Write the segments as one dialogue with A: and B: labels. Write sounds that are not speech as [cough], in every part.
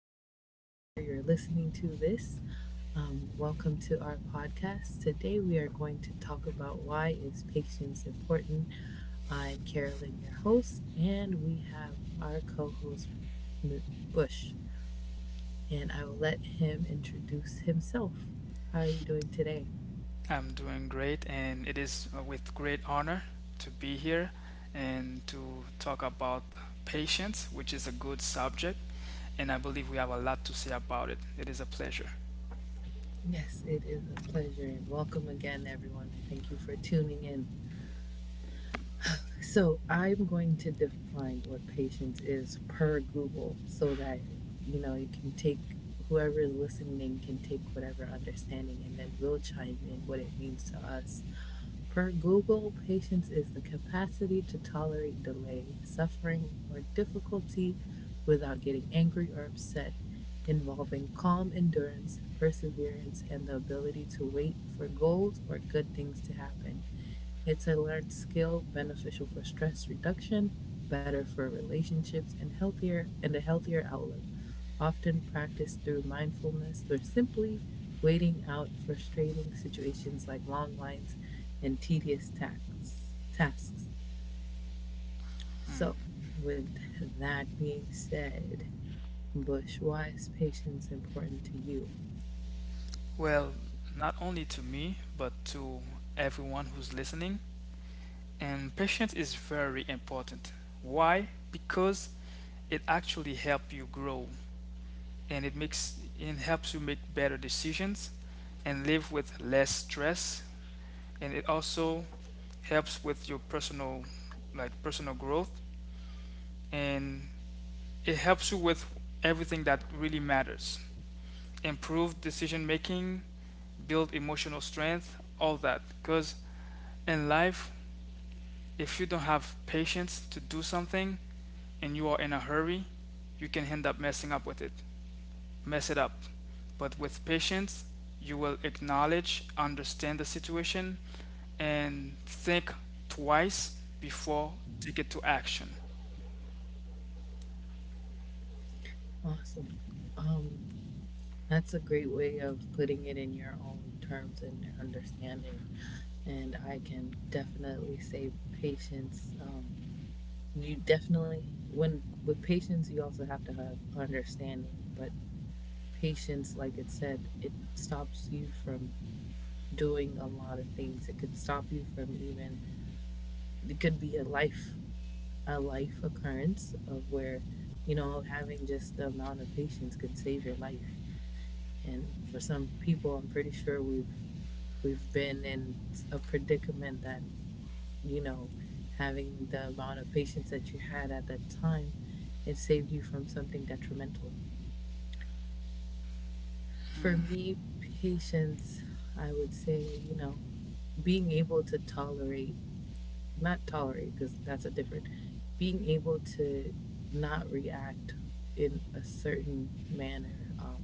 A: night from wherever you're listening to this. Welcome to our podcast. Today we are going to talk about why is patience important. I'm Carolyn, your host, and we have our co-host M- Bush, and I will let him introduce himself. How are you doing today?
B: I'm doing great, and it is with great honor to be here and to talk about patience, which is a good subject, and I believe we have a lot to say about it. It is a pleasure.
A: Yes, it is a pleasure, and welcome again, everyone, and thank you for tuning in. So I'm going to define what patience is per Google so that you know you can take whoever is listening can take whatever understanding and then we'll chime in what it means to us. Per Google, patience is the capacity to tolerate delay, suffering, or difficulty without getting angry or upset, involving calm endurance, perseverance, and the ability to wait for goals or good things to happen. It's a learned skill beneficial for stress reduction, better for relationships, and healthier and a healthier outlook. Often practiced through mindfulness or simply waiting out frustrating situations like long lines and tedious tasks. So, with that being said, Bush, why is patience important to you?
B: Well, not only to me, but to everyone who's listening. And patience is very important. Why? Because it actually helps you grow and it helps you make better decisions and live with less stress, and it also helps with your personal, like personal growth, and it helps you with everything that really matters. Improve decision making, build emotional strength, all that, because in life, if you don't have patience to do something and you are in a hurry, you can end up mess it up. But with patience, you will acknowledge, understand the situation, and think twice before take it to action.
A: Awesome. Um, that's a great way of putting it in your own terms and your understanding. And I can definitely say patience. You definitely, when with patience, you also have to have understanding. But patience, like it said, it stops you from doing a lot of things. It could stop you from even it could be a life occurrence of where you know having just the amount of patience can save your life. And for some people, I'm pretty sure we've been in a predicament that you know having the amount of patience that you had at that time, it saved you from something detrimental. For me, patience, I would say, you know, being able to tolerate, not tolerate, because that's a different, being able to not react in a certain manner,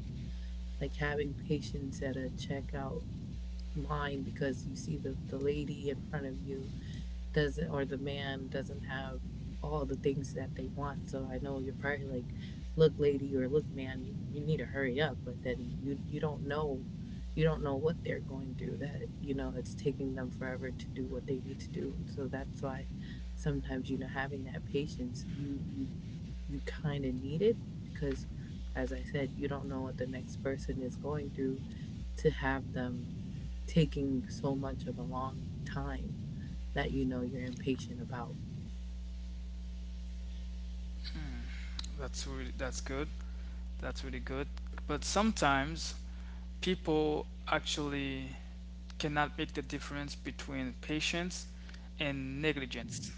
A: like having patience at a checkout line, because you see the lady in front of you doesn't, or the man doesn't have all the things that they want. So I know you're probably like, look, lady, or look, man, you need to hurry up. But then you don't know, you don't know what they're going through. That you know it's taking them forever to do what they need to do. So that's why sometimes you know having that patience, you you kind of need it because, as I said, you don't know what the next person is going through to have them taking so much of a long time that you know you're impatient about.
B: That's good. That's really good. But sometimes people actually cannot make the difference between patience and negligence.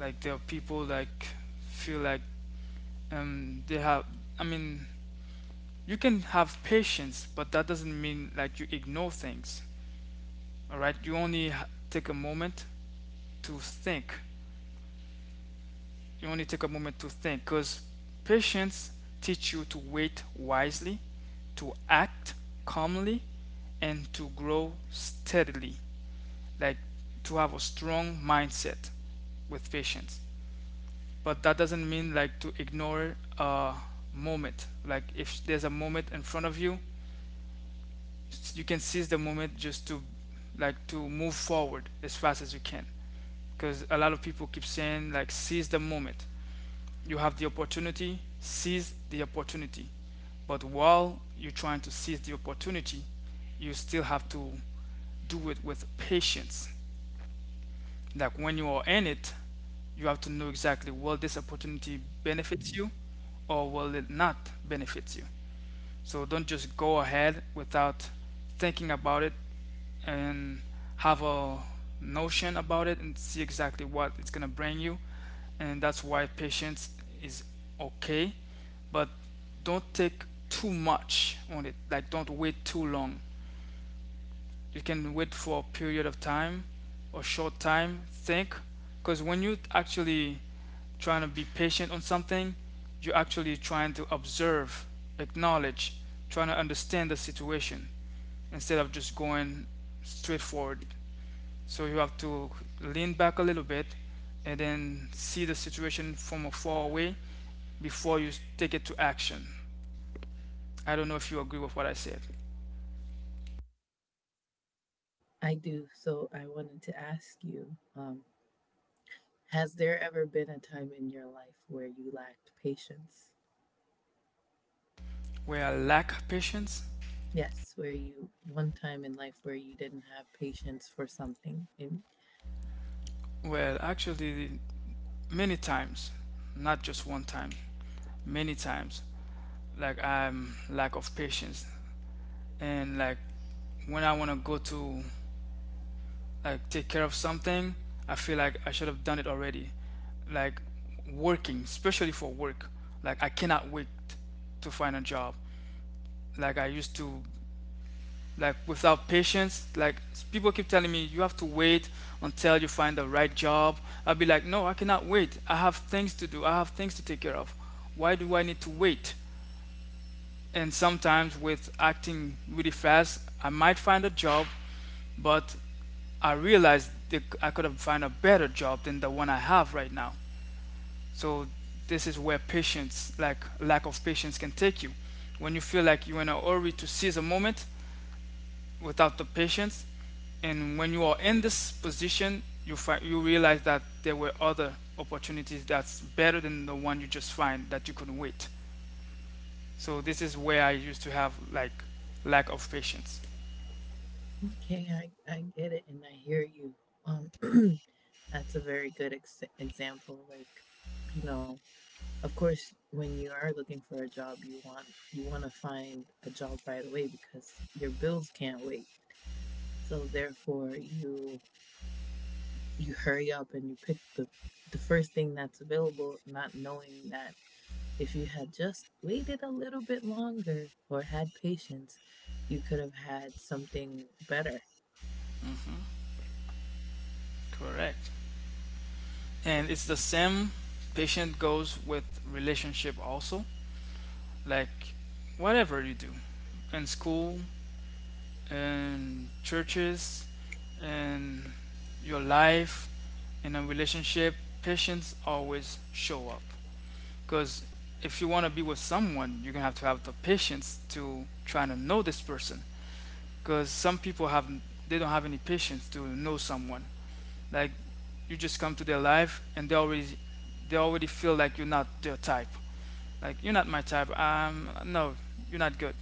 B: Like there are people like feel like they have. I mean, You can have patience, but that doesn't mean like you ignore things. All right, you only take a moment to think. You only take a moment to think because patience teach you to wait wisely, to act calmly, and to grow steadily. Like to have a strong mindset with patience. But that doesn't mean like to ignore a moment. Like if there's a moment in front of you, you can seize the moment, just to like to move forward as fast as you can, because a lot of people keep saying like seize the moment, you have the opportunity, seize the opportunity. But while you're trying to seize the opportunity, you still have to do it with patience. Like when you are in it, you have to know exactly, will this opportunity benefit you or will it not benefit you? So don't just go ahead without thinking about it and have a notion about it and see exactly what it's going to bring you. And that's why patience is okay, but don't take too much on it. Like don't wait too long. You can wait for a period of time or short time, think, because when you actually trying to be patient on something, you're actually trying to observe, acknowledge, trying to understand the situation instead of just going straight forward. So you have to lean back a little bit and then see the situation from a far away before you take it to action. I don't know if you agree with what I said.
A: I do. So I wanted to ask you has there ever been a time in your life where you lacked patience?
B: Where I lack patience?
A: Yes, where you, one time in life where you didn't have patience for something. And,
B: Well, actually many times, not just one time, many times. Like I'm lack of patience, and like when I want to go to like take care of something, I feel like I should have done it already. Like working, especially for work, like I cannot wait to find a job. Like I used to, like without patience, like people keep telling me you have to wait until you find the right job. I'll be like, no, I cannot wait. I have things to do. I have things to take care of. Why do I need to wait? And sometimes with acting really fast I might find a job, but I realized that I could have found a better job than the one I have right now. So this is where patience, like lack of patience, can take you. When you feel like you're in a hurry to seize a moment without the patience, and when you are in this position, you realize that there were other opportunities that's better than the one you just find, that you couldn't wait. So this is where I used to have like lack of patience.
A: okay, I get it and I hear you. Um, [clears throat] that's a very good ex- example. Like, you know, of course when you are looking for a job you want, you want to find a job right away because your bills can't wait. So therefore, you hurry up and you pick the first thing that's available, not knowing that if you had just waited a little bit longer or had patience, you could have had something better.
B: Correct. And it's the same patient goes with relationship also. Like whatever you do in school and churches and your life, in a relationship, patience always show up. Because if you want to be with someone, you're gonna have to have the patience to try to know this person. Because some people have, they don't have any patience to know someone. Like you just come to their life and they already feel like you're not their type. Like you're not my type. No, you're not good.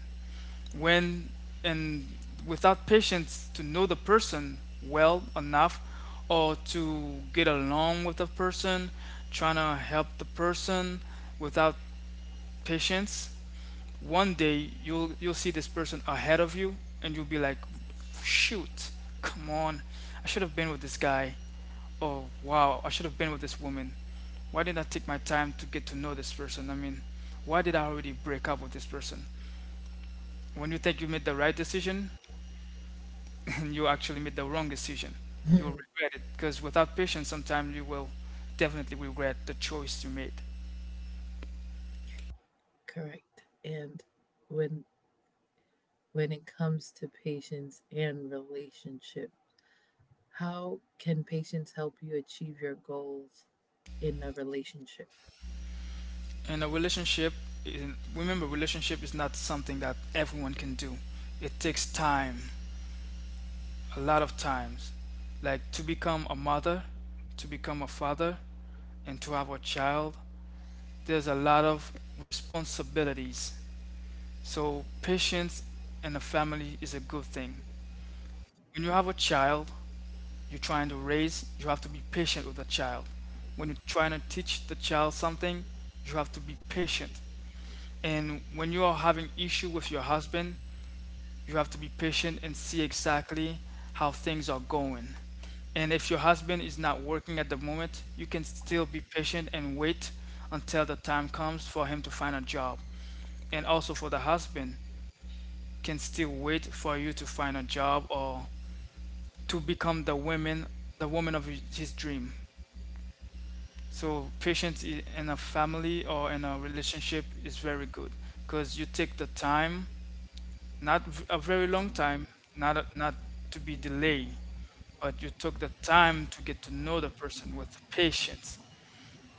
B: When and without patience to know the person well enough or to get along with the person, trying to help the person without patience, one day you'll see this person ahead of you, and you'll be like, shoot, come on, I should have been with this guy. Oh, wow, I should have been with this woman. Why didn't I take my time to get to know this person? Why did I already break up with this person? When you think you made the right decision [laughs] and you actually made the wrong decision, you will
A: [laughs]
B: regret it, because without patience, sometimes you will definitely regret the choice you made.
A: Correct. And when when it comes to patience and relationship, how can patience help you achieve your goals in a relationship?
B: And a relationship, remember, relationship is not something that everyone can do, it takes time. A lot of times, like to become a mother, to become a father, and to have a child, there's a lot of responsibilities. So patience in a family is a good thing. When you have a child you're trying to raise, you have to be patient with the child. When you're trying to teach the child something, you have to be patient. And when you are having issue with your husband, you have to be patient and see exactly how things are going. And if your husband is not working at the moment, you can still be patient and wait until the time comes for him to find a job. And also for the husband, can still wait for you to find a job or to become the woman of his dream. So patience in a family or in a relationship is very good, because you take the time. Not a very long time, not to be delayed, but you took the time to get to know the person with patience,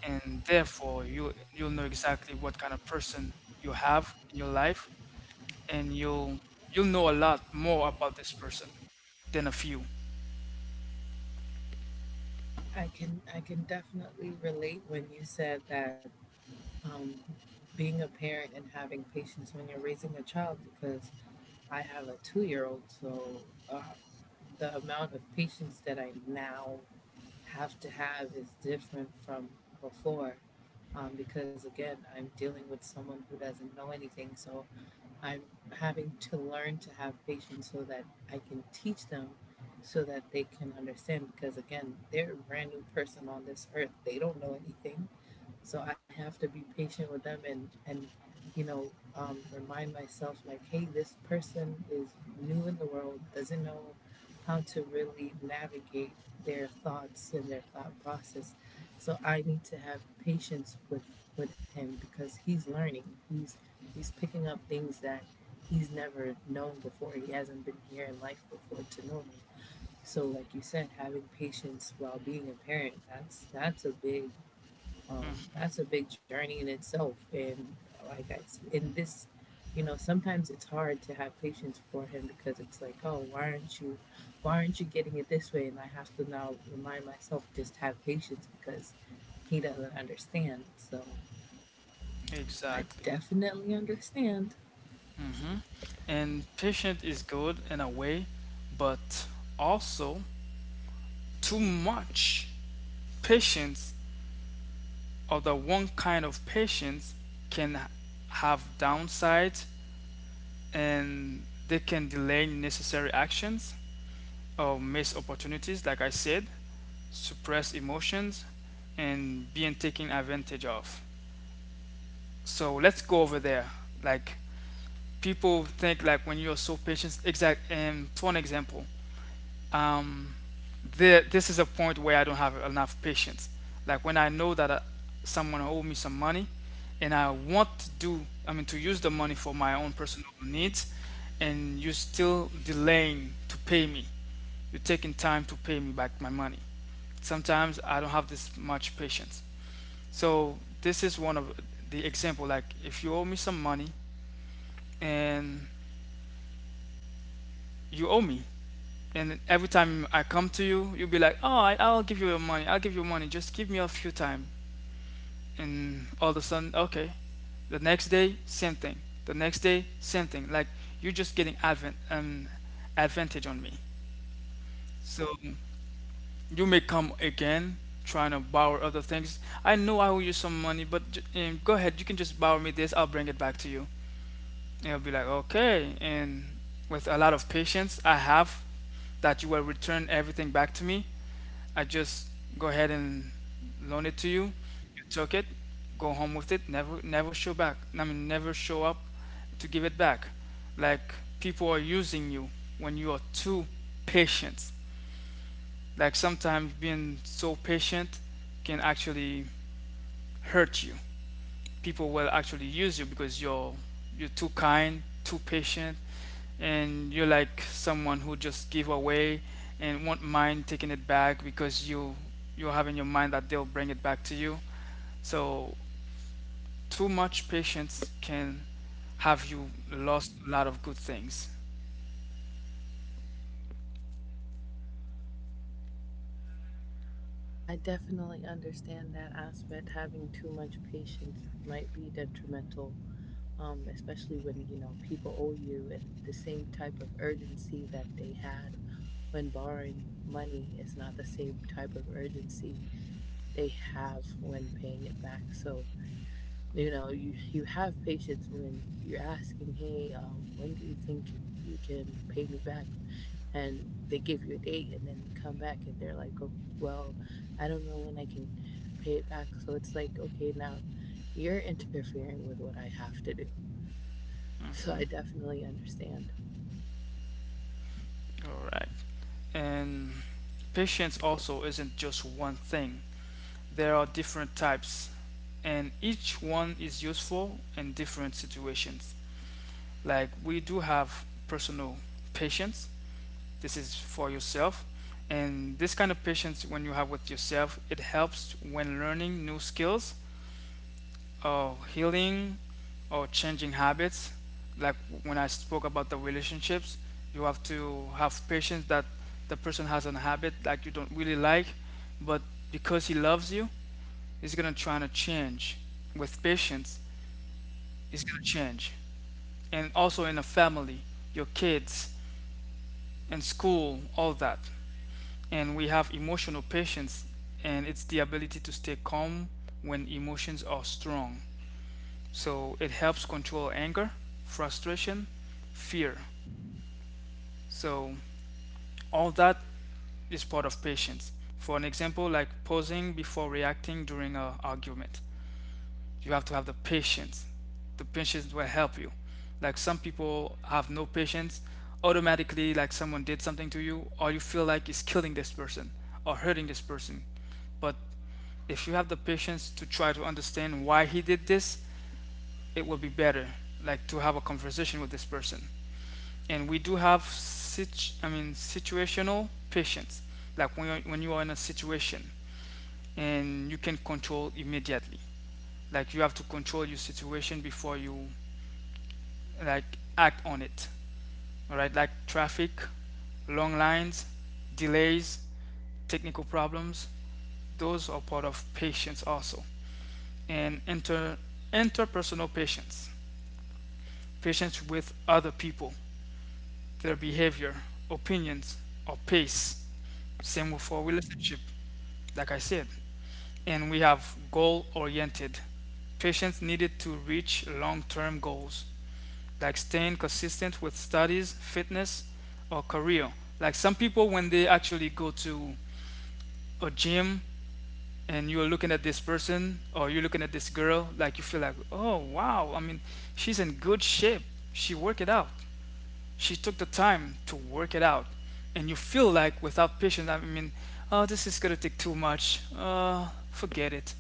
B: and therefore you'll know exactly what kind of person you have in your life, and you'll know a lot more about this person than a few.
A: I can definitely relate when you said that um, being a parent and having patience when you're raising a child because I have a 2 year old. So uh, the amount of patience that I now have to have is different from before. Because again, I'm dealing with someone who doesn't know anything. So I'm having to learn to have patience so that I can teach them so that they can understand. Because again, they're a brand new person on this earth, they don't know anything. So I have to be patient with them and you know remind myself like, hey, this person is new in the world, doesn't know how to really navigate their thoughts and their thought process. So I need to have patience with him because he's learning. He's he's picking up things that he's never known before. He hasn't been here in life before to know them. So like you said, having patience while being a parent, that's a big, that's a big journey in itself. And like I, s- in this, you know, sometimes it's hard to have patience for him because it's like, oh, why aren't you getting it this way? And I have to now remind myself just to have patience because he doesn't understand. So I
B: Exactly.
A: definitely understand.
B: And patient is good in a way, but also too much patience, other one kind of patients, can have downsides, and they can delay necessary actions or miss opportunities, like I said, suppress emotions, and being taken advantage of. So let's go over there. Like people think like when you're so patient, exact. And for an example, um, this is a point where I don't have enough patience. Like when I know that someone owe me some money, and I want to to use the money for my own personal needs, and you're still delaying to pay me. You're taking time to pay me back my money. Sometimes I don't have this much patience. So this is one of the example. Like if you owe me some money and you owe me, and every time I come to you, you'll be like, "Oh, I'll give you money. I'll give you money. Just give me a few time." And all of a sudden, okay. The next day, same thing. The next day, same thing. Like you're just getting advent advantage on me. So you may come again trying to borrow other things. I know I owe you some money, but go ahead. You can just borrow me this. I'll bring it back to you. And I'll be like, okay. And with a lot of patience I have, that you will return everything back to me. I just go ahead and loan it to you. You took it, go home with it, never never show back. I mean never show up to give it back. Like people are using you when you are too patient. Like sometimes being so patient can actually hurt you. People will actually use you because you're too kind, too patient, and you're like someone who just give away and won't mind taking it back because you have in your mind that they'll bring it back to you. So too much patience can have you lost a lot of good things.
A: I definitely understand that aspect. Having too much patience might be detrimental, especially when you know people owe you, and the same type of urgency that they had when borrowing money is not the same type of urgency they have when paying it back. So you know you you have patience when you're asking, hey, when do you think you can pay me back, and they give you a date and then they come back and they're like, oh, well, I don't know when I can pay it back. So it's like, okay, now you're interfering with what I have to do. [laughs] So I
B: Mhm.
A: definitely understand.
B: All right. And patience also isn't just one thing. There are different types, and each one is useful in different situations. Like we do have personal patience. This is for yourself. And this kind of patience, when you have with yourself, it helps when learning new skills or healing or changing habits. Like when I spoke about the relationships, you have to have patience that the person has a habit that you don't really like, but because he loves you, he's gonna try to change. With patience, he's gonna change. And also in a family, your kids, in school, all that. And we have emotional patience, and it's the ability to stay calm when emotions are strong, so it helps control anger, frustration, fear. So all that is part of patience. For an example, like pausing before reacting during an argument, you have to have the patience. The patience will help you. Like some people have no patience. Automatically, like someone did something to you, or you feel like is killing this person or hurting this person. But if you have the patience to try to understand why he did this, it will be better, like to have a conversation with this person. And we do have situational patience, like when you are in a situation and you can control immediately. Like you have to control your situation before you like act on it. All right, like traffic, long lines, delays, technical problems, those are part of patience also. And interpersonal patience, patience with other people, their behavior, opinions, or pace. Same with our relationship, like I said. And we have goal oriented, patience needed to reach long term goals, like staying consistent with studies, fitness, or career. Like some people, when they actually go to a gym and you're looking at this person or you're looking at this girl, like you feel like, oh wow, she's in good shape, she worked it out, she took the time to work it out. And you feel like without patience, oh, this is going to take too much, forget it.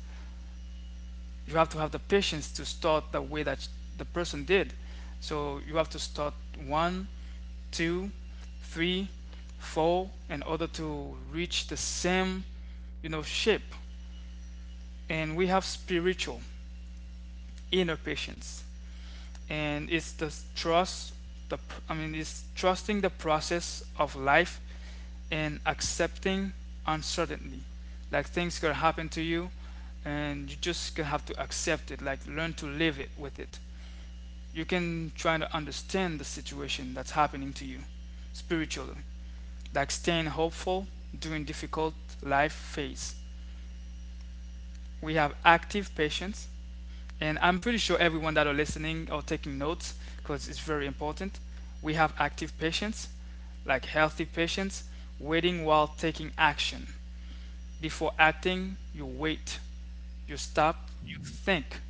B: You have to have the patience to start the way that the person did. So you have to start one, two, three, four in order to reach the same, you know, shape. And we have spiritual inner patience, and it's the trust, the it's trusting the process of life and accepting uncertainty. Like things could happen to you, and you just going have to accept it, like learn to live it with it. You can try to understand the situation that's happening to you spiritually, like staying hopeful during difficult life phase. We have active patience. And I'm pretty sure everyone that are listening or taking notes, because it's very important. We have active patients, like healthy patients, waiting while taking action. Before acting, you wait, you stop, you think,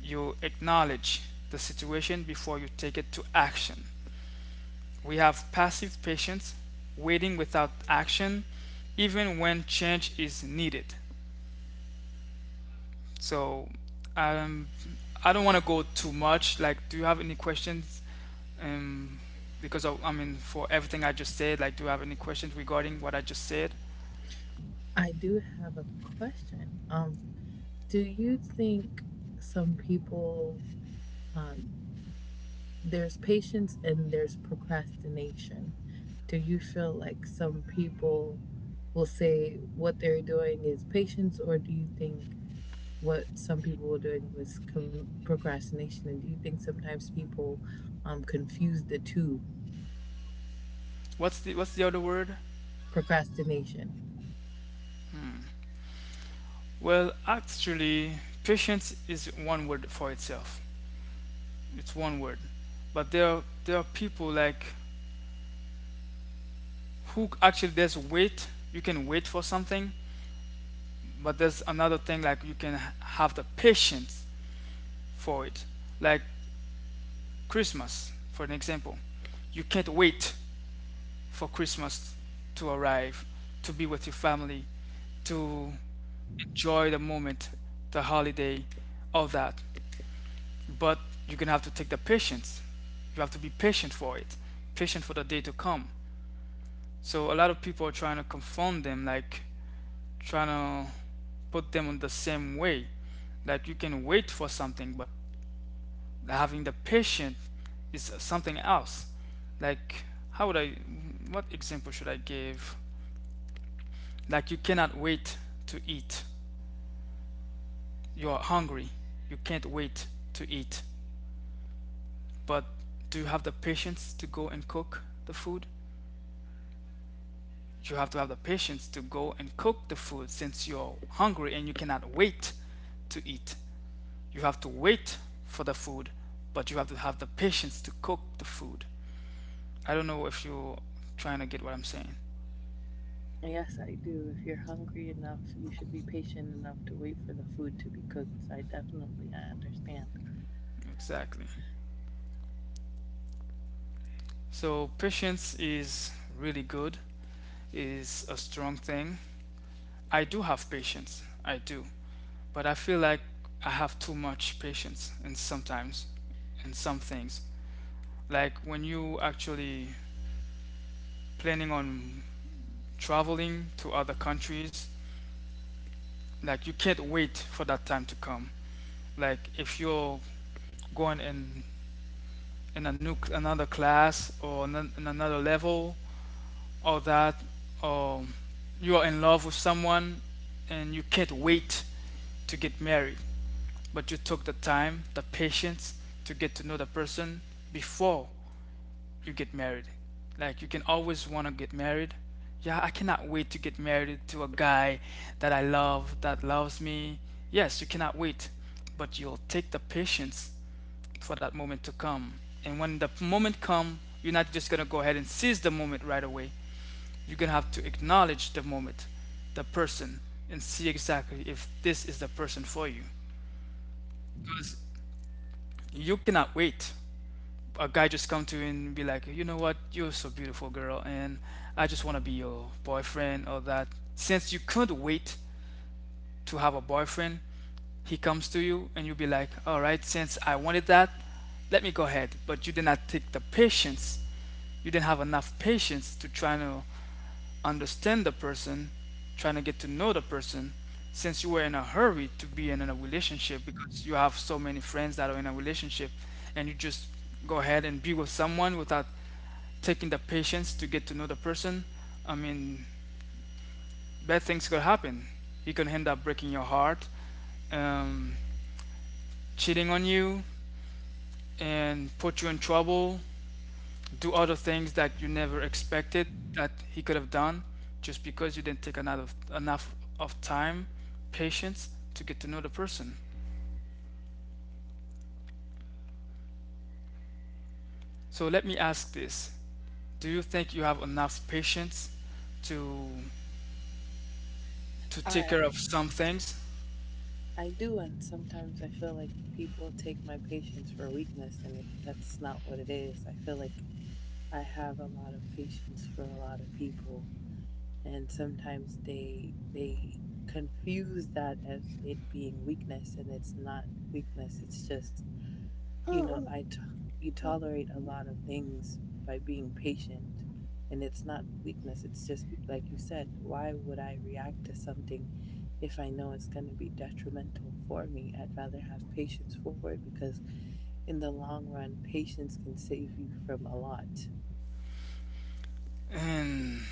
B: you acknowledge the situation before you take it to action. We have passive patients, waiting without action, even when change is needed. So um, I don't want to go too much. Like, do you have any questions, um, because of, for everything I just said. Like, do you have any questions regarding what I just said?
A: I do have a question. Do you think some people, um, there's patience and there's procrastination. Do you feel like some people will say what they're doing is patience, or do you think what some people were doing was com- procrastination? And do you think sometimes people confuse the two,
B: What's the other word?
A: procrastination?
B: Well, actually, patience is one word for itself. It's one word, but there are people like who actually there's wait. You can wait for something, but there's another thing like you can have the patience for it. Like Christmas, for an example, you can't wait for Christmas to arrive, to be with your family, to enjoy the moment, the holiday, all that. But you're gonna have to take the patience. You have to be patient for it, patient for the day to come. So a lot of people are trying to confound them, like trying to put them on the same way. Like you can wait for something, but having the patience is something else. Like how would I? What example should I give? Like you cannot wait to eat. You are hungry. You can't wait to eat. But do you have the patience to go and cook the food? You have to have the patience to go and cook the food since you're hungry and you cannot wait to eat. You have to wait for the food, but you have to have the patience to cook the food. I don't know if you're trying to get what I'm saying.
A: Yes, I do. If you're hungry enough, you should be patient enough to wait for the food to be cooked. So I definitely understand.
B: Exactly. So patience is really good, is a strong thing. I do have patience. I do. But I feel like I have too much patience and sometimes in some things. Like when you actually planning on traveling to other countries, like you can't wait for that time to come. Like if you're going in a new another class or in another level or that, or you are in love with someone and you can't wait to get married, but you took the time, the patience to get to know the person before you get married. Like you can always want to get married. Yeah, I cannot wait to get married to a guy that I love, that loves me. Yes, you cannot wait, but you'll take the patience for that moment to come. And when the moment comes, you're not just gonna go ahead and seize the moment right away. You're gonna have to acknowledge the moment, the person, and see exactly if this is the person for you. Because you cannot wait a guy just come to you and be like, you know what, you're so beautiful, girl, and I just want to be your boyfriend or that. Since you couldn't wait to have a boyfriend, he comes to you and you'll be like, all right, since I wanted that, let me go ahead. But you did not take the patience. You didn't have enough patience to try to understand the person, trying to get to know the person. Since you were in a hurry to be in a relationship because you have so many friends that are in a relationship, and you just go ahead and be with someone without taking the patience to get to know the person, I mean, bad things could happen. He could end up breaking your heart, um, cheating on you, and put you in trouble, do other things that you never expected that he could have done just because you didn't take enough of time, patience to get to know the person. So let me ask this. Do you think you have enough patience to to
A: I
B: take care of some things?
A: I do, and sometimes I feel like people take my patience for weakness, and it, that's not what it is. I feel like I have a lot of patience for a lot of people, and sometimes they confuse that as it being weakness, and it's not weakness. It's just you know you tolerate a lot of things by being patient, and it's not weakness. It's just like you said, why would I react to something if I know it's going to be detrimental for me? I'd rather have patience for it because in the long run, patience can save you from a lot.
B: And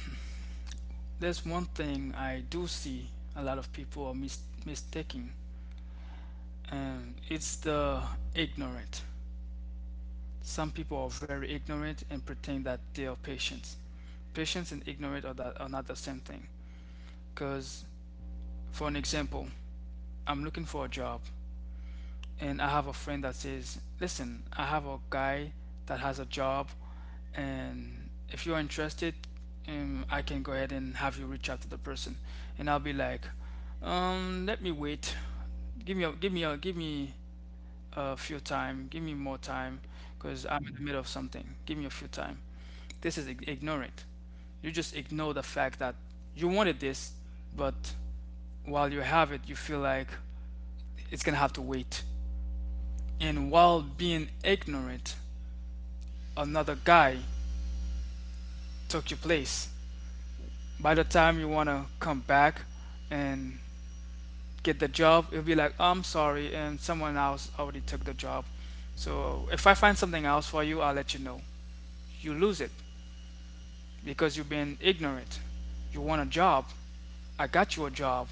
B: there's one thing I do see a lot of people are mistaking, and it's the ignorant. Some people are very ignorant and pretend that they are patients. Patients and ignorant are, that, are not the same thing. Because, for an example, I'm looking for a job, and I have a friend that says, listen, I have a guy that has a job, and if you're interested, I can go ahead and have you reach out to the person. And I'll be like, let me wait, give me a few time. Give me more time, because I'm in the middle of something. Give me a few time. This is ignorant. You just ignore the fact that you wanted this, but while you have it, you feel like it's gonna have to wait. And while being ignorant, another guy took your place. By the time you wanna come back and get the job, it'll be like, oh, I'm sorry, and someone else already took the job. So if I find something else for you, I'll let you know. You lose it because you've been ignorant. You want a job. I got you a job.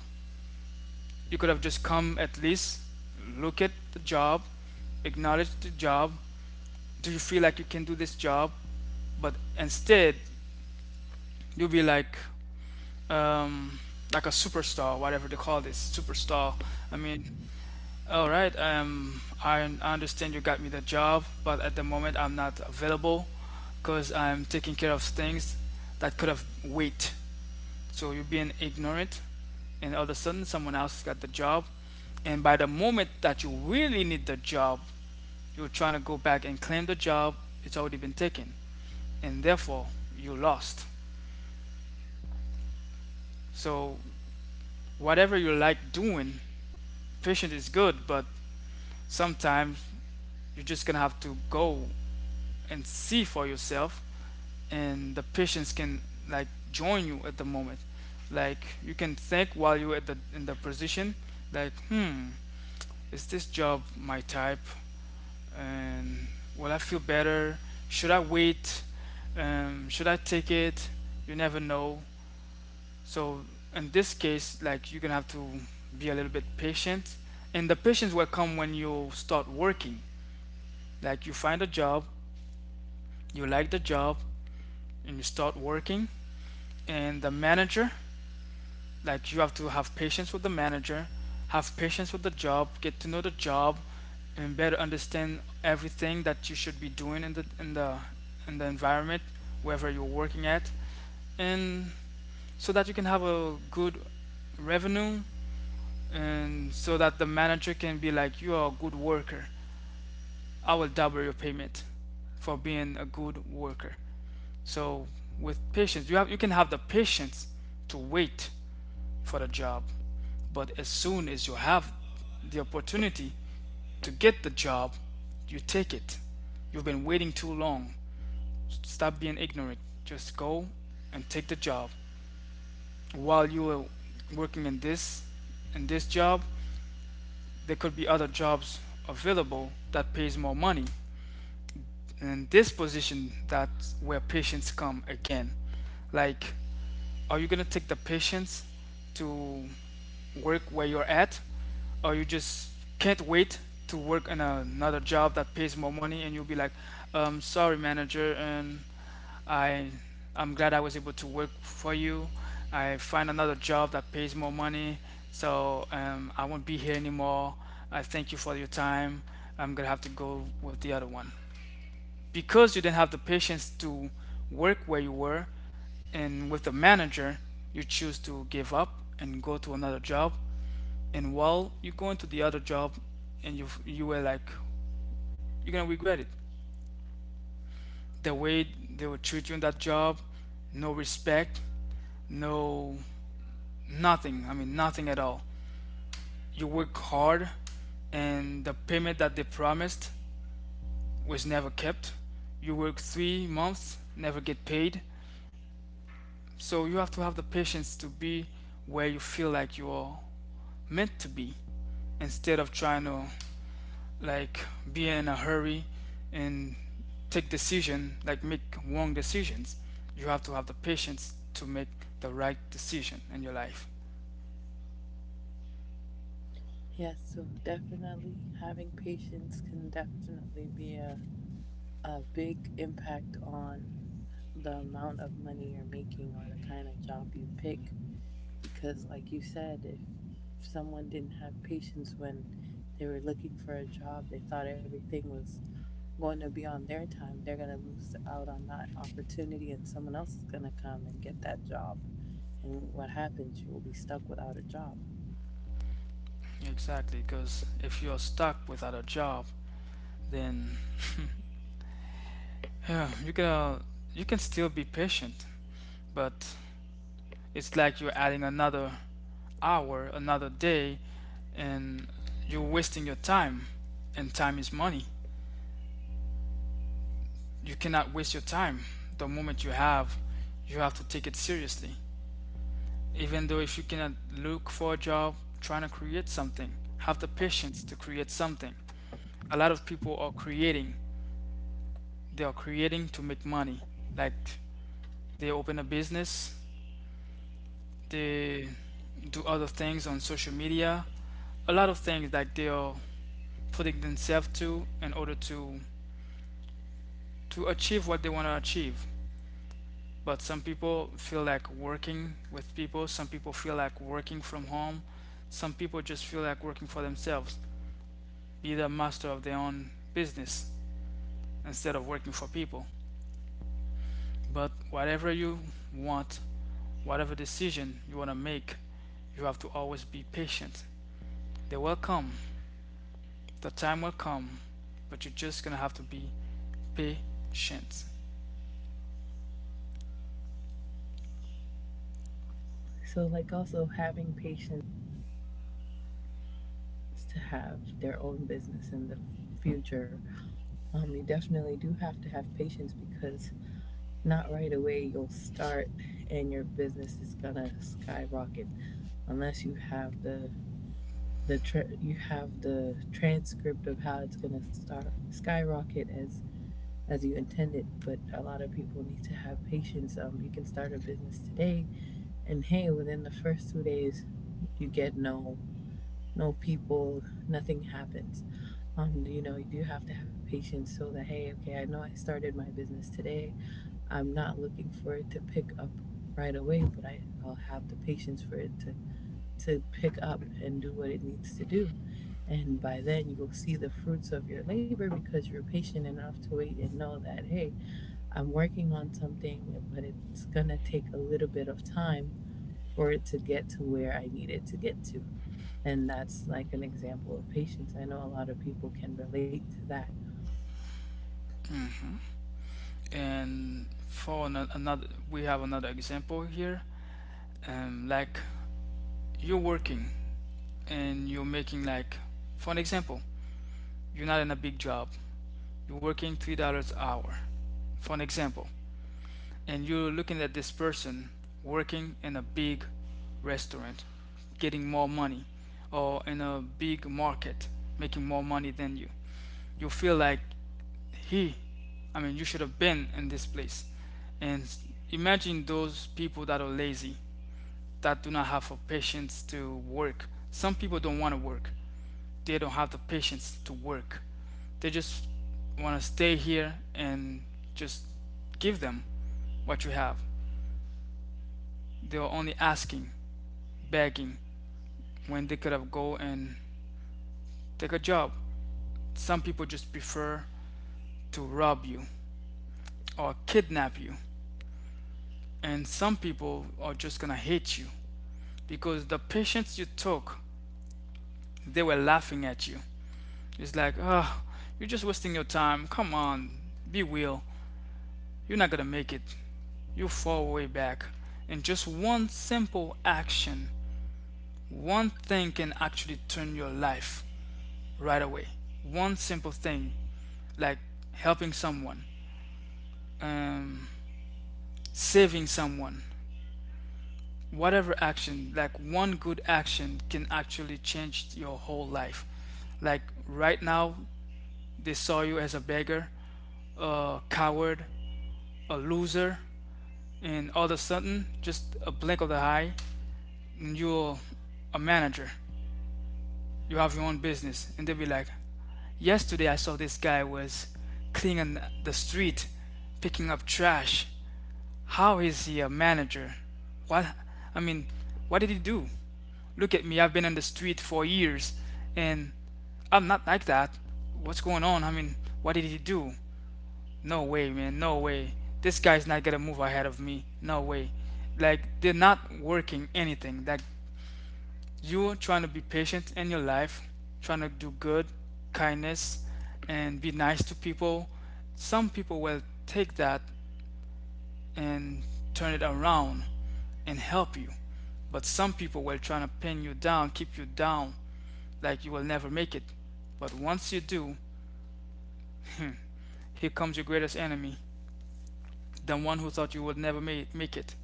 B: You could have just come at least look at the job, acknowledge the job. Do you feel like you can do this job? But instead, you'll be like, um, like a superstar, whatever they call this superstar. I mean, all right. I understand you got me the job, but at the moment I'm not available because I'm taking care of things that could have wait. So you're being ignorant, and all of a sudden, someone else got the job. And by the moment that you really need the job, you're trying to go back and claim the job, it's already been taken. And therefore, you lost. So, whatever you like doing, patience is good, but sometimes you're just gonna have to go and see for yourself, and the patience can like join you at the moment. Like you can think while you're at the in the position, like hmm, is this job my type? And will I feel better? Should I wait? Should I take it? You never know. So in this case, like you're gonna have to be a little bit patient, and the patience will come when you start working. Like you find a job, you like the job, and you start working, and the manager, like you have to have patience with the manager, have patience with the job, get to know the job, and better understand everything that you should be doing in the in the in the environment wherever you're working at, and so that you can have a good revenue, and so that the manager can be like, you are a good worker. I will double your payment for being a good worker. So with patience, you can have the patience to wait for the job. But as soon as you have the opportunity to get the job, you take it. You've been waiting too long. Stop being ignorant. Just go and take the job. While you are working in this job, there could be other jobs available that pays more money. And in this position, that's where patients come again. Like, are you gonna take the patience to work where you're at, or you just can't wait to work in another job that pays more money, and you'll be like, sorry, manager, and I, I'm glad I was able to work for you. I find another job that pays more money, so I won't be here anymore. I thank you for your time. I'm gonna have to go with the other one because you didn't have the patience to work where you were, and with the manager you choose to give up and go to another job. And while you go into the other job, and you were like, you're gonna regret it the way they would treat you in that job. No respect, no, nothing. I mean, nothing at all. You work hard, and the payment that they promised was never kept. You work 3 months, never get paid. So you have to have the patience to be where you feel like you are meant to be, instead of trying to, like, be in a hurry and take decision, like, make wrong decisions. You have to have the patience to make the right decision in your life.
A: Yeah, so definitely having patience can definitely be a big impact on the amount of money you're making or the kind of job you pick. Because, like you said, if someone didn't have patience when they were looking for a job, they thought everything was going to be on their time, they're going to lose out on that opportunity, and someone else is going to come and get that job. And what happens? You will be stuck without a job.
B: Exactly, because if you're stuck without a job, then, yeah, you can, you can still be patient, but it's like you're adding another hour, another day, and you're wasting your time. And time is money. You cannot waste your time. The moment you have to take it seriously. Even though if you cannot look for a job, trying to create something, have the patience to create something. A lot of people are creating. They are creating to make money. Like, they open a business, they do other things on social media, a lot of things, like they are putting themselves to in order to achieve what they want to achieve. But some people feel like working with people, some people feel like working from home, some people just feel like working for themselves, be the master of their own business instead of working for people. But whatever you want, whatever decision you want to make, you have to always be patient. They will come, the time will come, but you're just gonna have to be patient.
A: So, like, also having patience to have their own business in the future, you definitely do have to have patience because not right away, you'll start and your business is gonna skyrocket unless you have you have the transcript of how it's gonna start skyrocket as you intended. But a lot of people need to have patience. Um, you can start a business today and, hey, within the first 2 days you get no, no people, nothing happens. Um, you know, you do have to have patience so that, hey, okay, I know I started my business today, I'm not looking for it to pick up right away, but I'll have the patience for it to pick up and do what it needs to do. And by then, you'll see the fruits of your labor because you're patient enough to wait and know that, hey, I'm working on something, but it's going to take a little bit of time for it to get to where I need it to get to. And that's like an example of patience. I know a lot of people can relate to that.
B: And for another, we have another example here. Like, you're working and you're making, like, for an example, you're not in a big job, you're working $3 an hour, for an example, and you're looking at this person working in a big restaurant getting more money, or in a big market making more money than you. You feel like he, I mean, you should have been in this place. And imagine those people that are lazy, that do not have the patience to work. Some people don't want to work. They don't have the patience to work. They just want to stay here and just give them what you have. They are only asking, begging, when they could have go and take a job. Some people just prefer to rob you or kidnap you. And some people are just gonna hate you because the patience you took, they were laughing at you. It's like, ah, oh, you're just wasting your time. Come on, be real. You're not gonna make it. You'll fall way back. And just one simple action, one thing can actually turn your life right away. One simple thing, like helping someone, um, saving someone, whatever action, like one good action can actually change your whole life. Like right now, they saw you as a beggar, a coward, a loser, and all of a sudden, just a blink of the eye, and you're a manager. You have your own business, and they'll be like, "Yesterday, I saw this guy was cleaning the street, picking up trash. How is he a manager? What? I mean, what did he do? Look at me. I've been on the street for years, and I'm not like that. What's going on? I mean, what did he do? No way, man. No way. This guy's not gonna move ahead of me. No way." Like, they're not working anything. Like, you trying to be patient in your life, trying to do good, kindness, and be nice to people. Some people will take that and turn it around and help you. But some people will try to pin you down, keep you down, like you will never make it. But once you do, here comes your greatest enemy, the one who thought you would never make it.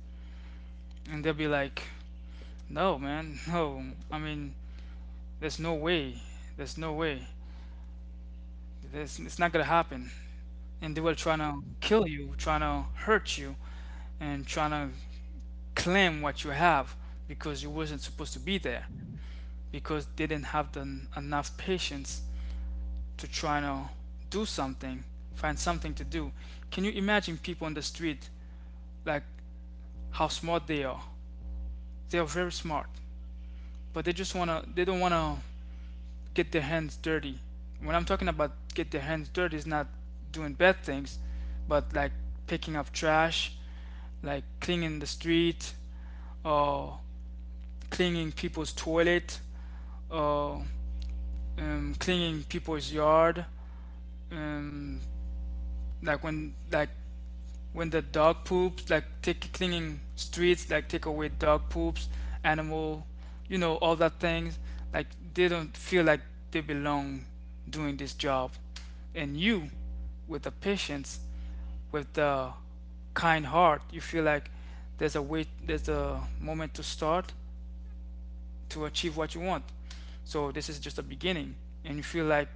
B: And they'll be like, no, man. No. I mean, there's no way. There's no way. There's, it's not gonna happen. And they will trying to kill you, trying to hurt you, and trying to claim what you have because you wasn't supposed to be there. Because they didn't have the, enough patience to try to do something, find something to do. Can you imagine people on the street, like, how smart they are? They are very smart, but they just wanna, they don't wanna get their hands dirty. When I'm talking about get their hands dirty, it's not doing bad things, but like picking up trash, like cleaning the street, or cleaning people's toilet, or cleaning people's yard. Um, like when the dog poops, like take cleaning streets, like take away dog poops, animal, you know, all that things. Like, they don't feel like they belong doing this job. And you, with the patience, with the kind heart, you feel like there's a way, there's a moment to start, to achieve what you want. So this is just a beginning, and you feel like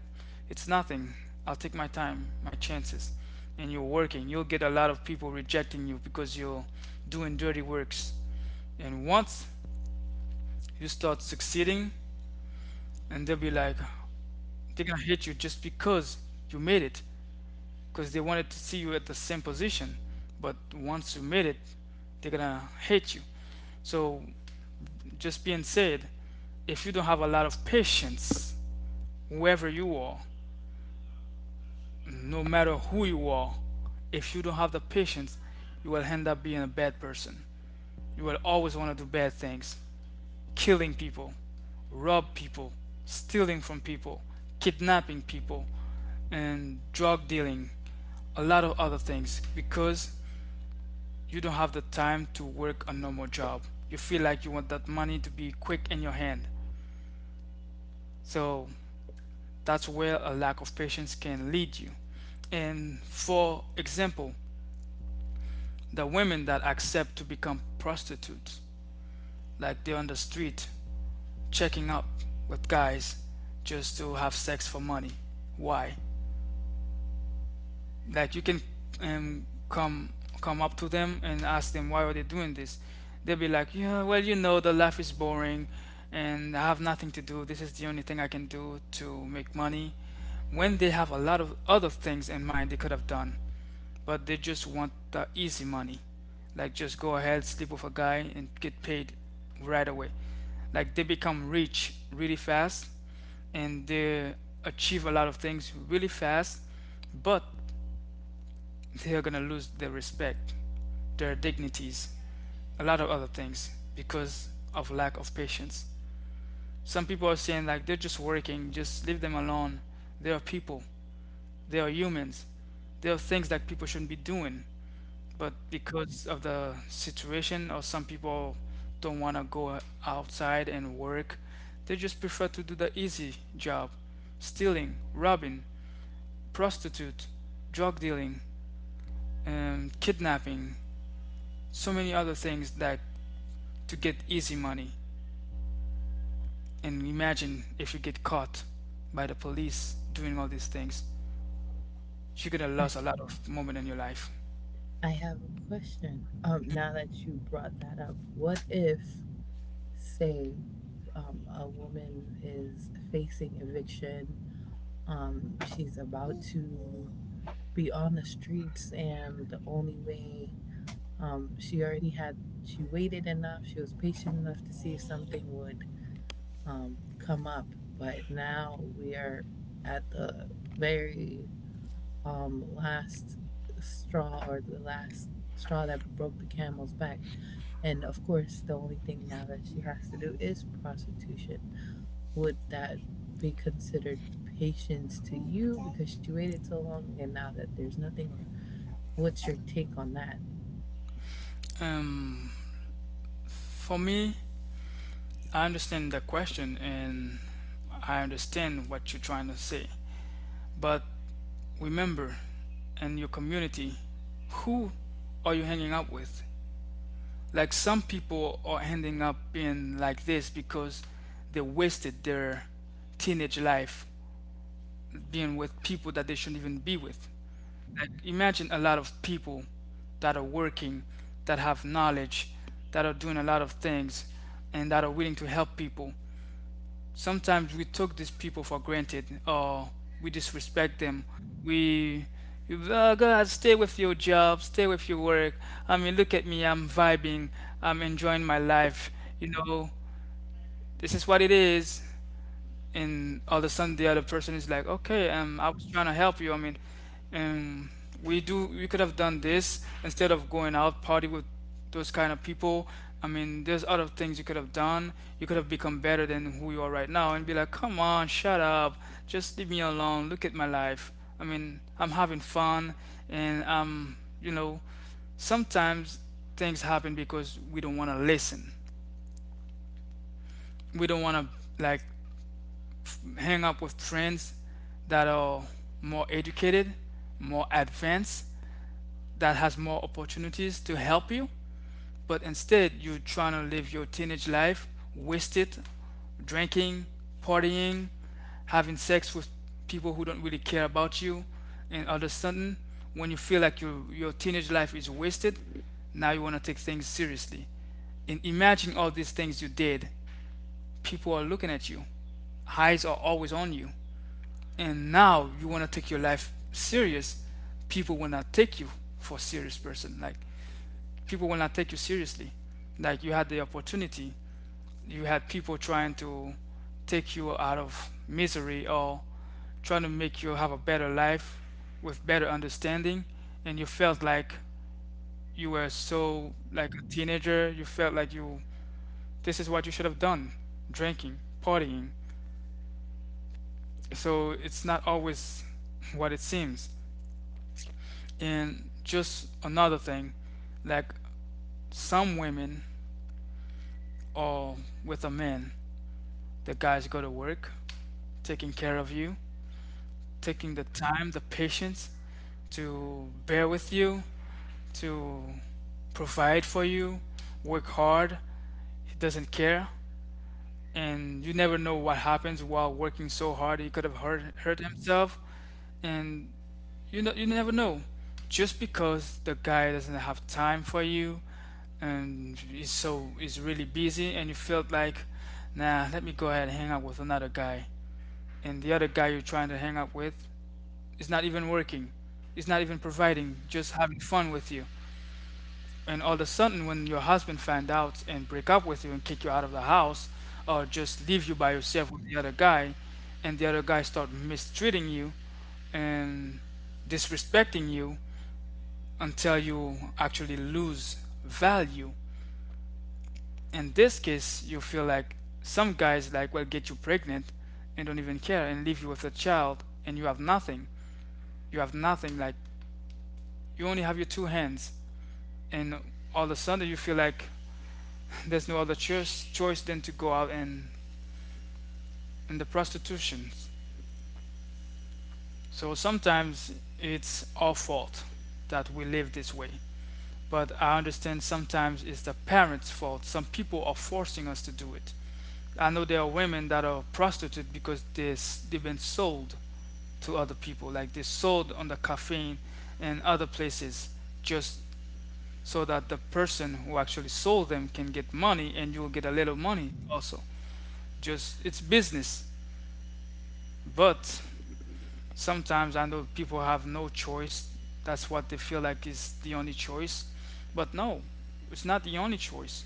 B: it's nothing. I'll take my time, my chances, and you're working. You'll get a lot of people rejecting you because you're doing dirty works. And once you start succeeding, and they'll be like, they're gonna hate you just because you made it, because they wanted to see you at the same position. But once you made it, they're gonna hate you. So, just being said, if you don't have a lot of patience, whoever you are, no matter who you are, if you don't have the patience, you will end up being a bad person. You will always want to do bad things, killing people, rob people, stealing from people, kidnapping people, and drug dealing, a lot of other things because you don't have the time to work a normal job. You feel like you want that money to be quick in your hand. So that's where a lack of patience can lead you. And for example, the women that accept to become prostitutes, like they're on the street checking up with guys just to have sex for money. Why? Like, you can come up to them and ask them why are they doing this. They'll be like, yeah, well, you know, the life is boring and I have nothing to do, this is the only thing I can do to make money, when they have a lot of other things in mind they could have done, but they just want the easy money. Like, just go ahead, sleep with a guy and get paid right away. Like, they become rich really fast and they achieve a lot of things really fast, but they are gonna lose their respect, their dignities, a lot of other things because of lack of patience. Some people are saying like they're just working, just leave them alone. They are people, they are humans. There are things that people shouldn't be doing. But because of the situation, or some people don't want to go outside and work, they just prefer to do the easy job, stealing, robbing, prostitute, drug dealing, kidnapping, so many other things that to get easy money. And imagine if you get caught by the police doing all these things, you could have lost a lot of moment in your life.
A: I have a question. Now that you brought that up, what if, say, a woman is facing eviction, she's about to be on the streets, and the only way, she already had, she waited enough, she was patient enough to see if something would um, come up. But now we are at the very, last straw, or the last straw that broke the camel's back. And of course, the only thing now that she has to do is prostitution. Would that be considered patience to you because she waited so long and now that there's nothing, or what's your take on that?
B: um, for me, I understand the question and I understand what you're trying to say. But remember, in your community, who are you hanging out with? Like, some people are ending up being like this because they wasted their teenage life being with people that they shouldn't even be with. Like imagine a lot of people that are working, that have knowledge, that are doing a lot of things, and that are willing to help people. Sometimes we took these people for granted, or we disrespect them. We Oh god, stay with your job, stay with your work. I mean, look at me, I'm vibing, I'm enjoying my life, you know this is what it is. And all of a sudden the other person is like, okay, I was trying to help you. I mean, um, we could have done this instead of going out party with those kind of people. I mean, there's other things you could have done. You could have become better than who you are right now, and be like, come on, shut up, just leave me alone. Look at my life. I mean, I'm having fun, and you know, sometimes things happen because we don't want to listen. We don't want to, like, hang up with friends that are more educated, more advanced, that has more opportunities to help you. But instead, you're trying to live your teenage life, wasted, drinking, partying, having sex with people who don't really care about you, and all of a sudden, when you feel like your teenage life is wasted, now you want to take things seriously. And imagine all these things you did. People are looking at you. Eyes are always on you, and now you want to take your life serious. People will not take you for a serious person. Like, people will not take you seriously. Like, you had the opportunity, you had people trying to take you out of misery, or trying to make you have a better life with better understanding, and you felt like you were so, like, a teenager. You felt like you this is what you should have done: drinking, partying. So it's not always [laughs] what it seems. And just another thing, like, some women are with a man, the guys go to work, taking care of you, taking the time, the patience to bear with you, to provide for you, work hard. He doesn't care, and you never know what happens while working so hard. He could have hurt himself, and, you know, you never know. Just because the guy doesn't have time for you, and is really busy, and you felt like, nah, let me go ahead and hang out with another guy, and the other guy you're trying to hang out with is not even working, is not even providing, just having fun with you. And all of a sudden when your husband find out and break up with you and kick you out of the house, or just leave you by yourself with the other guy, and the other guy start mistreating you and disrespecting you until you actually lose value. In this case you feel like some guys, like, will get you pregnant and don't even care and leave you with a child, and you have nothing. You have nothing. Like, you only have your two hands, and all of a sudden you feel like [laughs] there's no other choice than to go out and in the prostitution. So sometimes it's our fault that we live this way. But I understand sometimes it's the parents fault, some people are forcing us to do it. I know there are women that are prostitutes because they've been sold to other people. Like, they sold on the caffeine and other places, just so that the person who actually sold them can get money and you will get a little money also. Just it's business. But sometimes I know people have no choice. That's what they feel like is the only choice. But no, it's not the only choice.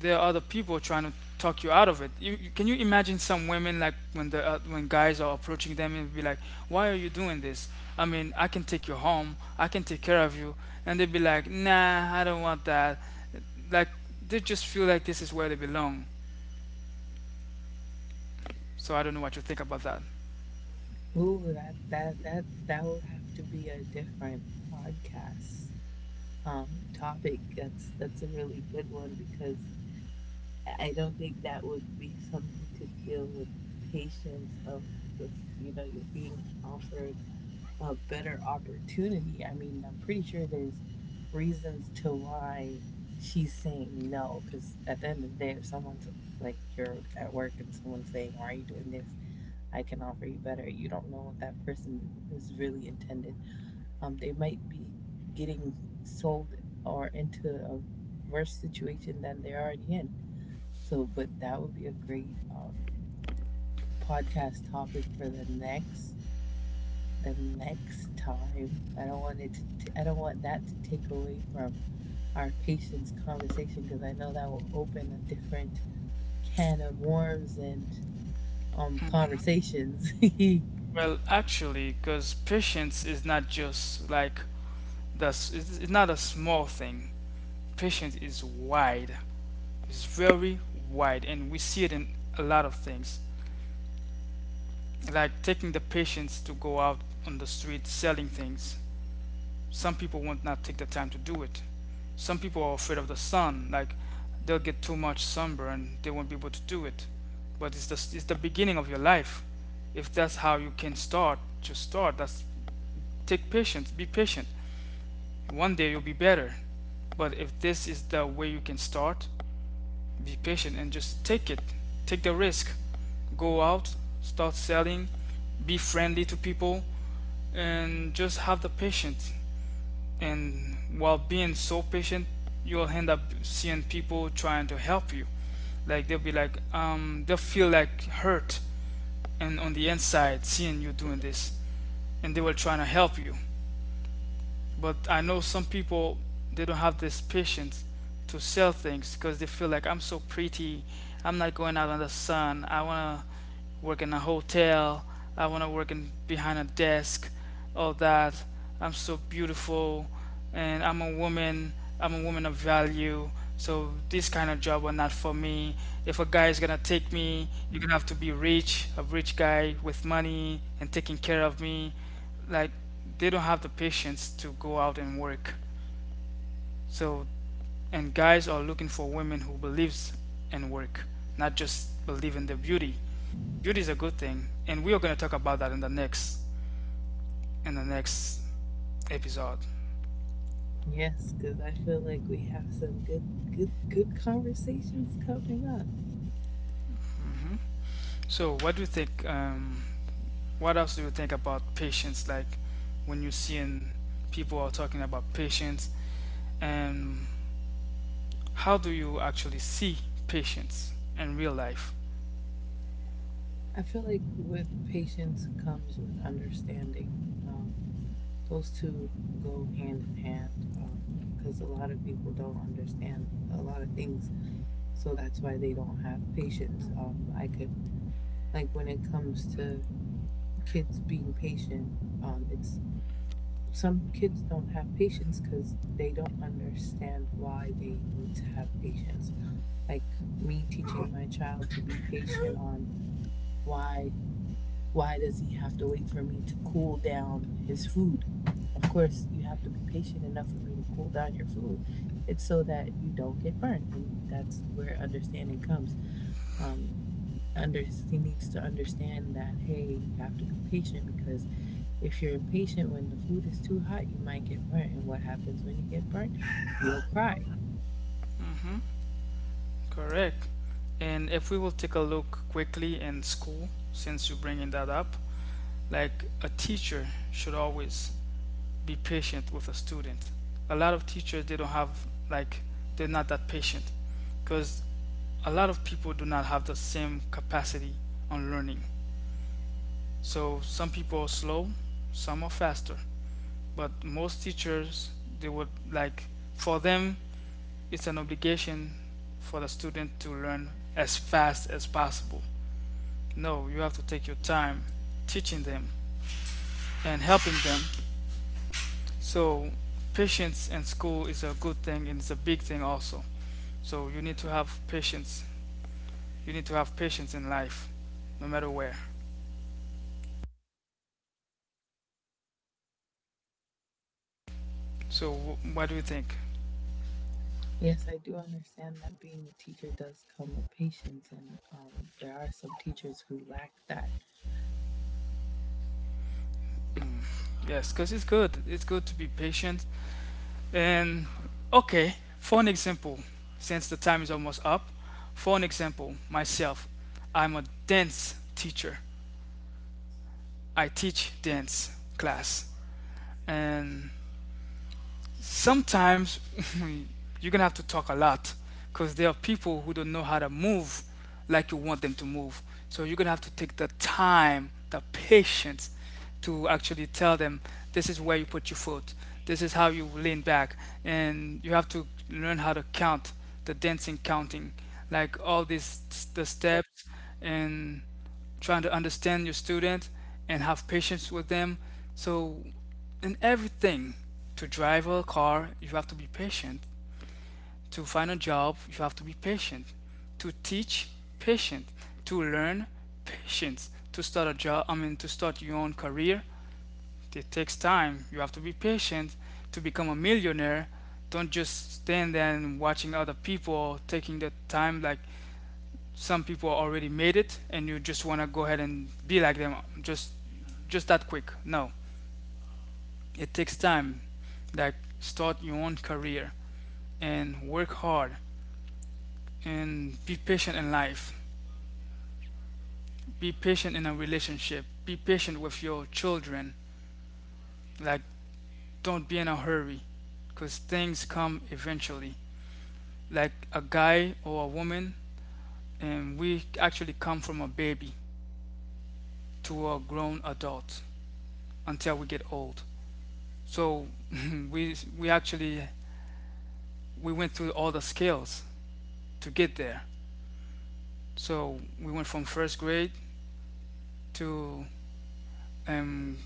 B: There are other people trying to talk you out of it. You imagine some women, like, when the when guys are approaching them and be like, "Why are you doing this? I mean, I can take you home. I can take care of you." And they'd be like, "Nah, I don't want that." Like, they just feel like this is where they belong. So I don't know what you think about that.
A: Ooh, that would have to be a different podcast topic. That's a really good one because I don't think that would be something to deal with patience of if you know you're being offered a better opportunity. I mean, I'm pretty sure there's reasons to why she's saying no, because at the end of the day, if someone's like you're at work and someone's saying, "Why are you doing this? I can offer you better." You don't know what that person is really intended. They might be getting sold or into a worse situation than they're already in. So, but that would be a great podcast topic for the next time. I don't want it to. I don't want that to take away from our patient's conversation because I know that will open a different can of worms and conversations. [laughs] Yes,
B: Well, actually, because patience is not just like that's it's not a small thing. Patience is wide. It's very wide, and we see it in a lot of things. Like, taking the patience to go out on the street selling things. Some people won't not take the time to do it. Some people are afraid of the sun, like, they'll get too much sunburn, they won't be able to do it. But it's the beginning of your life. If that's how you can start, just start. That's take patience, be patient. One day you'll be better. But if this is the way you can start, be patient and just take it. Take the risk. Go out, start selling, be friendly to people, and just have the patience. And while being so patient, you'll end up seeing people trying to help you. Like, they'll be like, they'll feel like hurt and on the inside seeing you doing this, and they were trying to help you. But I know some people, they don't have this patience to sell things because they feel like, I'm so pretty, I'm not going out in the sun. I wanna work in a hotel. I wanna work in behind a desk. All that. I'm so beautiful, and I'm a woman. I'm a woman of value. So this kind of job are not for me. If a guy is gonna take me, you're gonna have to be rich, a rich guy with money and taking care of me. Like, they don't have the patience to go out and work. So, and guys are looking for women who believes in work, not just believe in their beauty. Beauty is a good thing, and we are gonna talk about that in the next, in the next episode.
A: because I feel like we have some good, good, good conversations coming up.
B: Hmm. So what do you think? What else do you think about patience? Like, when you're seeing people are talking about patience, and how do you actually see patience in real life?
A: I feel like with patience comes with understanding. Um, those two go hand in hand because a lot of people don't understand a lot of things, so that's why they don't have patience. I could, like, when it comes to kids being patient, it's some kids don't have patience because they don't understand why they need to have patience. Like me teaching my child to be patient on why why does he have to wait for me to cool down his food? Of course, you have to be patient enough for me to cool down your food. It's so that you don't get burnt, and that's where understanding comes um, under He needs to understand that, hey, you have to be patient, because if you're impatient when the food is too hot, you might get burnt, and what happens when you get burnt? You'll cry.
B: Hmm. Correct. And if we will take a look quickly in school, since you're bringing that up, like, a teacher should always be patient with a student. A lot of teachers, they don't have, like, they're not that patient because a lot of people do not have the same capacity on learning. So some people are slow, some are faster, but most teachers, they would like, for them, it's an obligation for the student to learn as fast as possible. No, you have to take your time teaching them and helping them. So, patience in school is a good thing and it's a big thing also. So, you need to have patience. You need to have patience in life, no matter where. So, what do you think?
A: Yes, I do understand that being a teacher does come with patience, and there are some teachers who lack that.
B: Yes, because it's good. It's good to be patient. And, okay, for an example, since the time is almost up, for an example, myself, I'm a dance teacher. I teach dance class. And sometimes [laughs] you're gonna have to talk a lot because there are people who don't know how to move like you want them to move. So you're gonna have to take the time, the patience to actually tell them, this is where you put your foot, this is how you lean back, and you have to learn how to count the dancing counting, like all these the steps, and trying to understand your student and have patience with them. So, in everything. To drive a car, you have to be patient. To find a job, you have to be patient. To teach, patient. To learn, patience. To start a job, I mean, to start your own career, it takes time. You have to be patient. To become a millionaire, don't just stand there and watching other people taking the time. Like, some people already made it and you just want to go ahead and be like them, just just that quick. No. It takes time. Like, start your own career and work hard and be patient in life. Be patient in a relationship. Be patient with your children. Like, don't be in a hurry because things come eventually. Like a guy or a woman, and we actually come from a baby to a grown adult until we get old. So [laughs] we actually we went through all the scales to get there. So we went from first grade to, um,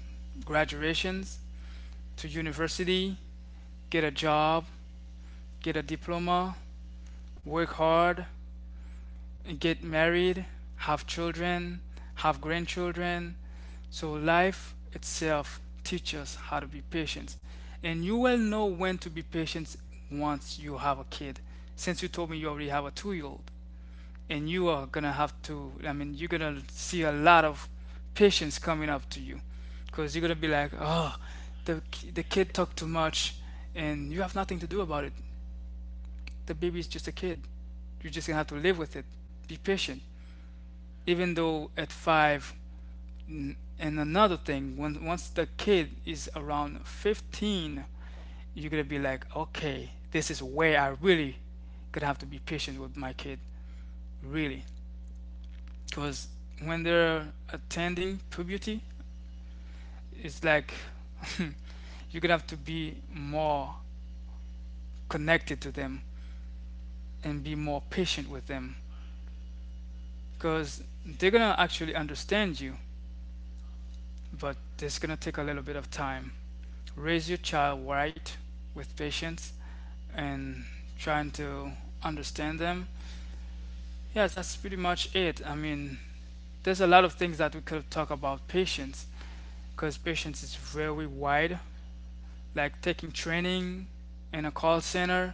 B: graduations, to university, get a job, get a diploma, work hard, get married, have children, have grandchildren. So life itself teaches us how to be patient. And you will know when to be patient once you have a kid. Since you told me you already have a 2-year-old old. And you are gonna have to. I mean, you're gonna see a lot of patients coming up to you because you're gonna be like, oh, the, the kid talked too much, and you have nothing to do about it. The baby is just a kid. You're just gonna have to live with it. Be patient, even though at five. And another thing, once the kid is around 15, you're gonna be like, okay, this is where I really gonna have to be patient with my kid, really. Because when they're attending puberty, it's like, [laughs] you're gonna have to be more connected to them and be more patient with them, because they're gonna actually understand you, but it's gonna take a little bit of time. Raise your child right with patience and trying to understand them. Yes, that's pretty much it. I mean, there's a lot of things that we could talk about patience, because patience is very wide. Like taking training in a call center,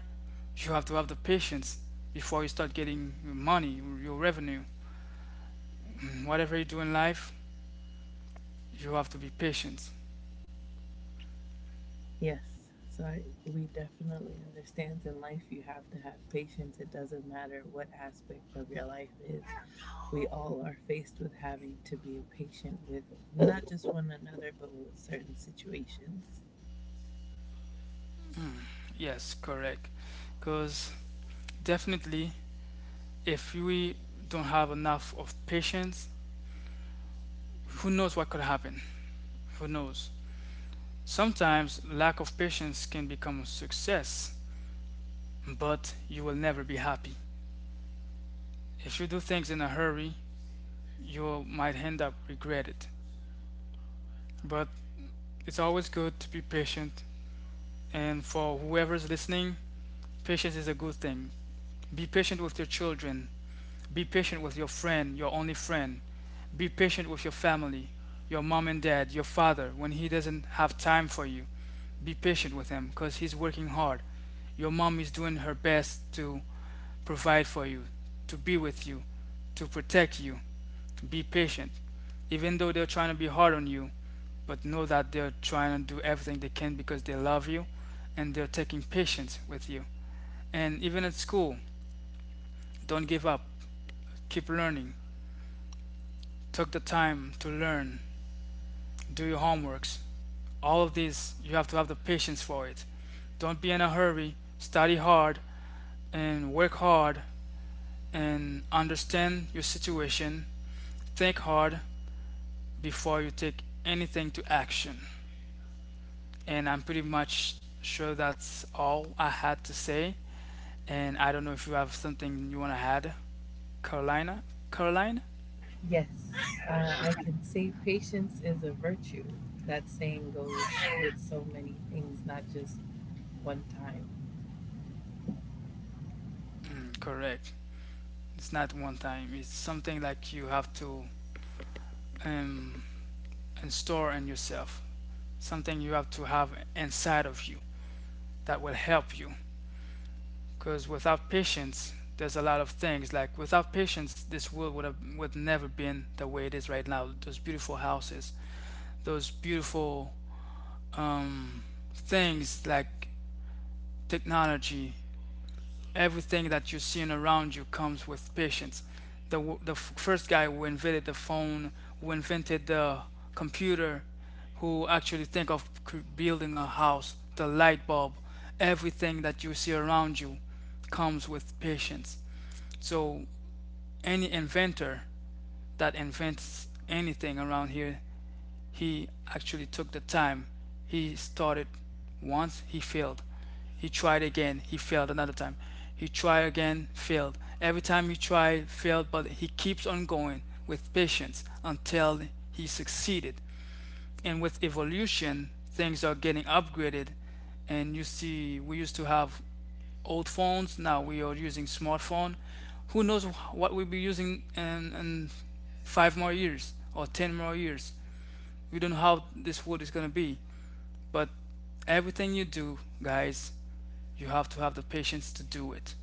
B: you have to have the patience before you start getting your money, your revenue. Whatever you do in life, you have to be patient.
A: Yes, so we definitely understand in life you have to have patience. It doesn't matter what aspect of your life is, we all are faced with having to be patient with not just one another, but with certain situations.
B: Yes, correct. Because definitely, if we don't have enough of patience, who knows what could happen? Who knows? Sometimes lack of patience can become a success, but you will never be happy. If you do things in a hurry, you might end up regret it. But it's always good to be patient. And for whoever's listening, patience is a good thing. Be patient with your children. Be patient with your friend, your only friend. Be patient with your family, your mom and dad, your father, when he doesn't have time for you. Be patient with him because he's working hard. Your mom is doing her best to provide for you, to be with you, to protect you. Be patient, even though they're trying to be hard on you, but know that they're trying to do everything they can because they love you, and they're taking patience with you. And even at school, don't give up. Keep learning. Take the time to learn. Do your homeworks. All of this, you have to have the patience for it. Don't be in a hurry. Study hard and work hard and understand your situation. Think hard before you take anything to action. And I'm pretty much sure that's all I had to say. And I don't know if you have something you want to add, Carolina. Caroline?
A: Yes, I can say patience is a virtue. That saying goes with so many things, not just one time.
B: Mm, correct. It's not one time. It's something like you have to um, install in yourself. Something you have to have inside of you that will help you. Because without patience, there's a lot of things. Like without patience, this world would never been the way it is right now. Those beautiful houses, those beautiful um, things like technology, everything that you're seeing around you comes with patience. The, the first guy who invented the phone, who invented the computer, who actually think of building a house, the light bulb, everything that you see around you comes with patience. So any inventor that invents anything around here, he actually took the time. He started once, he failed. He tried again, he failed another time. He tried again, failed. Every time he tried, failed, but he keeps on going with patience until he succeeded. And with evolution, things are getting upgraded. And you see, we used to have old phones, now we are using smartphone. Who knows what we'll be using in 5 more years or 10 more years? We don't know how this world is going to be, but everything you do, guys, you have to have the patience to do it.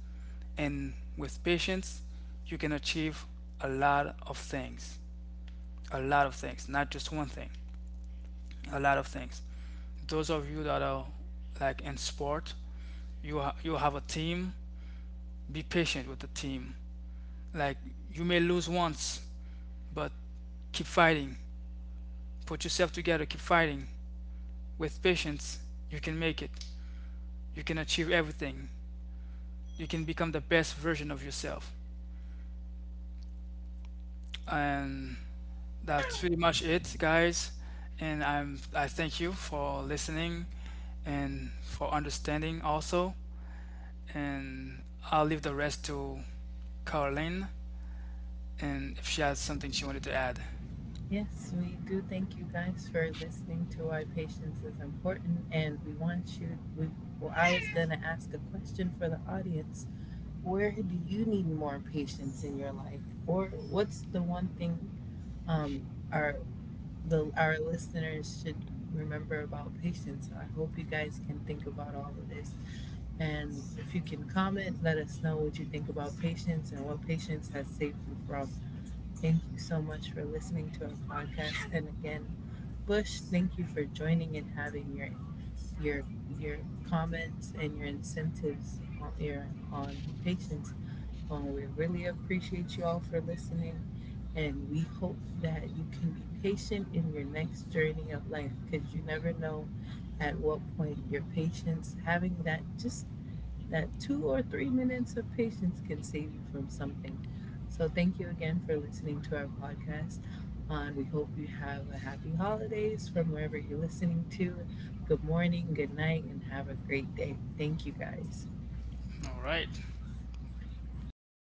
B: And with patience, you can achieve a lot of things. A lot of things, not just one thing. A lot of things. Those of you that are like in sport, you have a team. Be patient with the team. Like you may lose once, but keep fighting. Put yourself together. Keep fighting. With patience, you can make it. You can achieve everything. You can become the best version of yourself. And that's pretty much it, guys. And I thank you for listening and for understanding also. And I'll leave the rest to Caroline, and if she has something she wanted to add.
A: Yes, we do thank you guys for listening to why patience is important, and we want you. Well, I was going to ask a question for the audience. Where do you need more patience in your life, or what's the one thing, um, our our listeners should remember about patience? So I hope you guys can think about all of this, and if you can comment, let us know what you think about patience and what patience has saved you from. Thank you so much for listening to our podcast, and again, Bush, thank you for joining and having your your comments and your incentives on your on patience. We really appreciate you all for listening, and we hope that you can be patient in your next journey of life because you never know at what point your patience, having that just that 2 or 3 minutes of patience, can save you from something. So, thank you again for listening to our podcast. And we hope you have a happy holidays from wherever you're listening to. Good morning, good night, and have a great day. Thank you guys.
B: All right.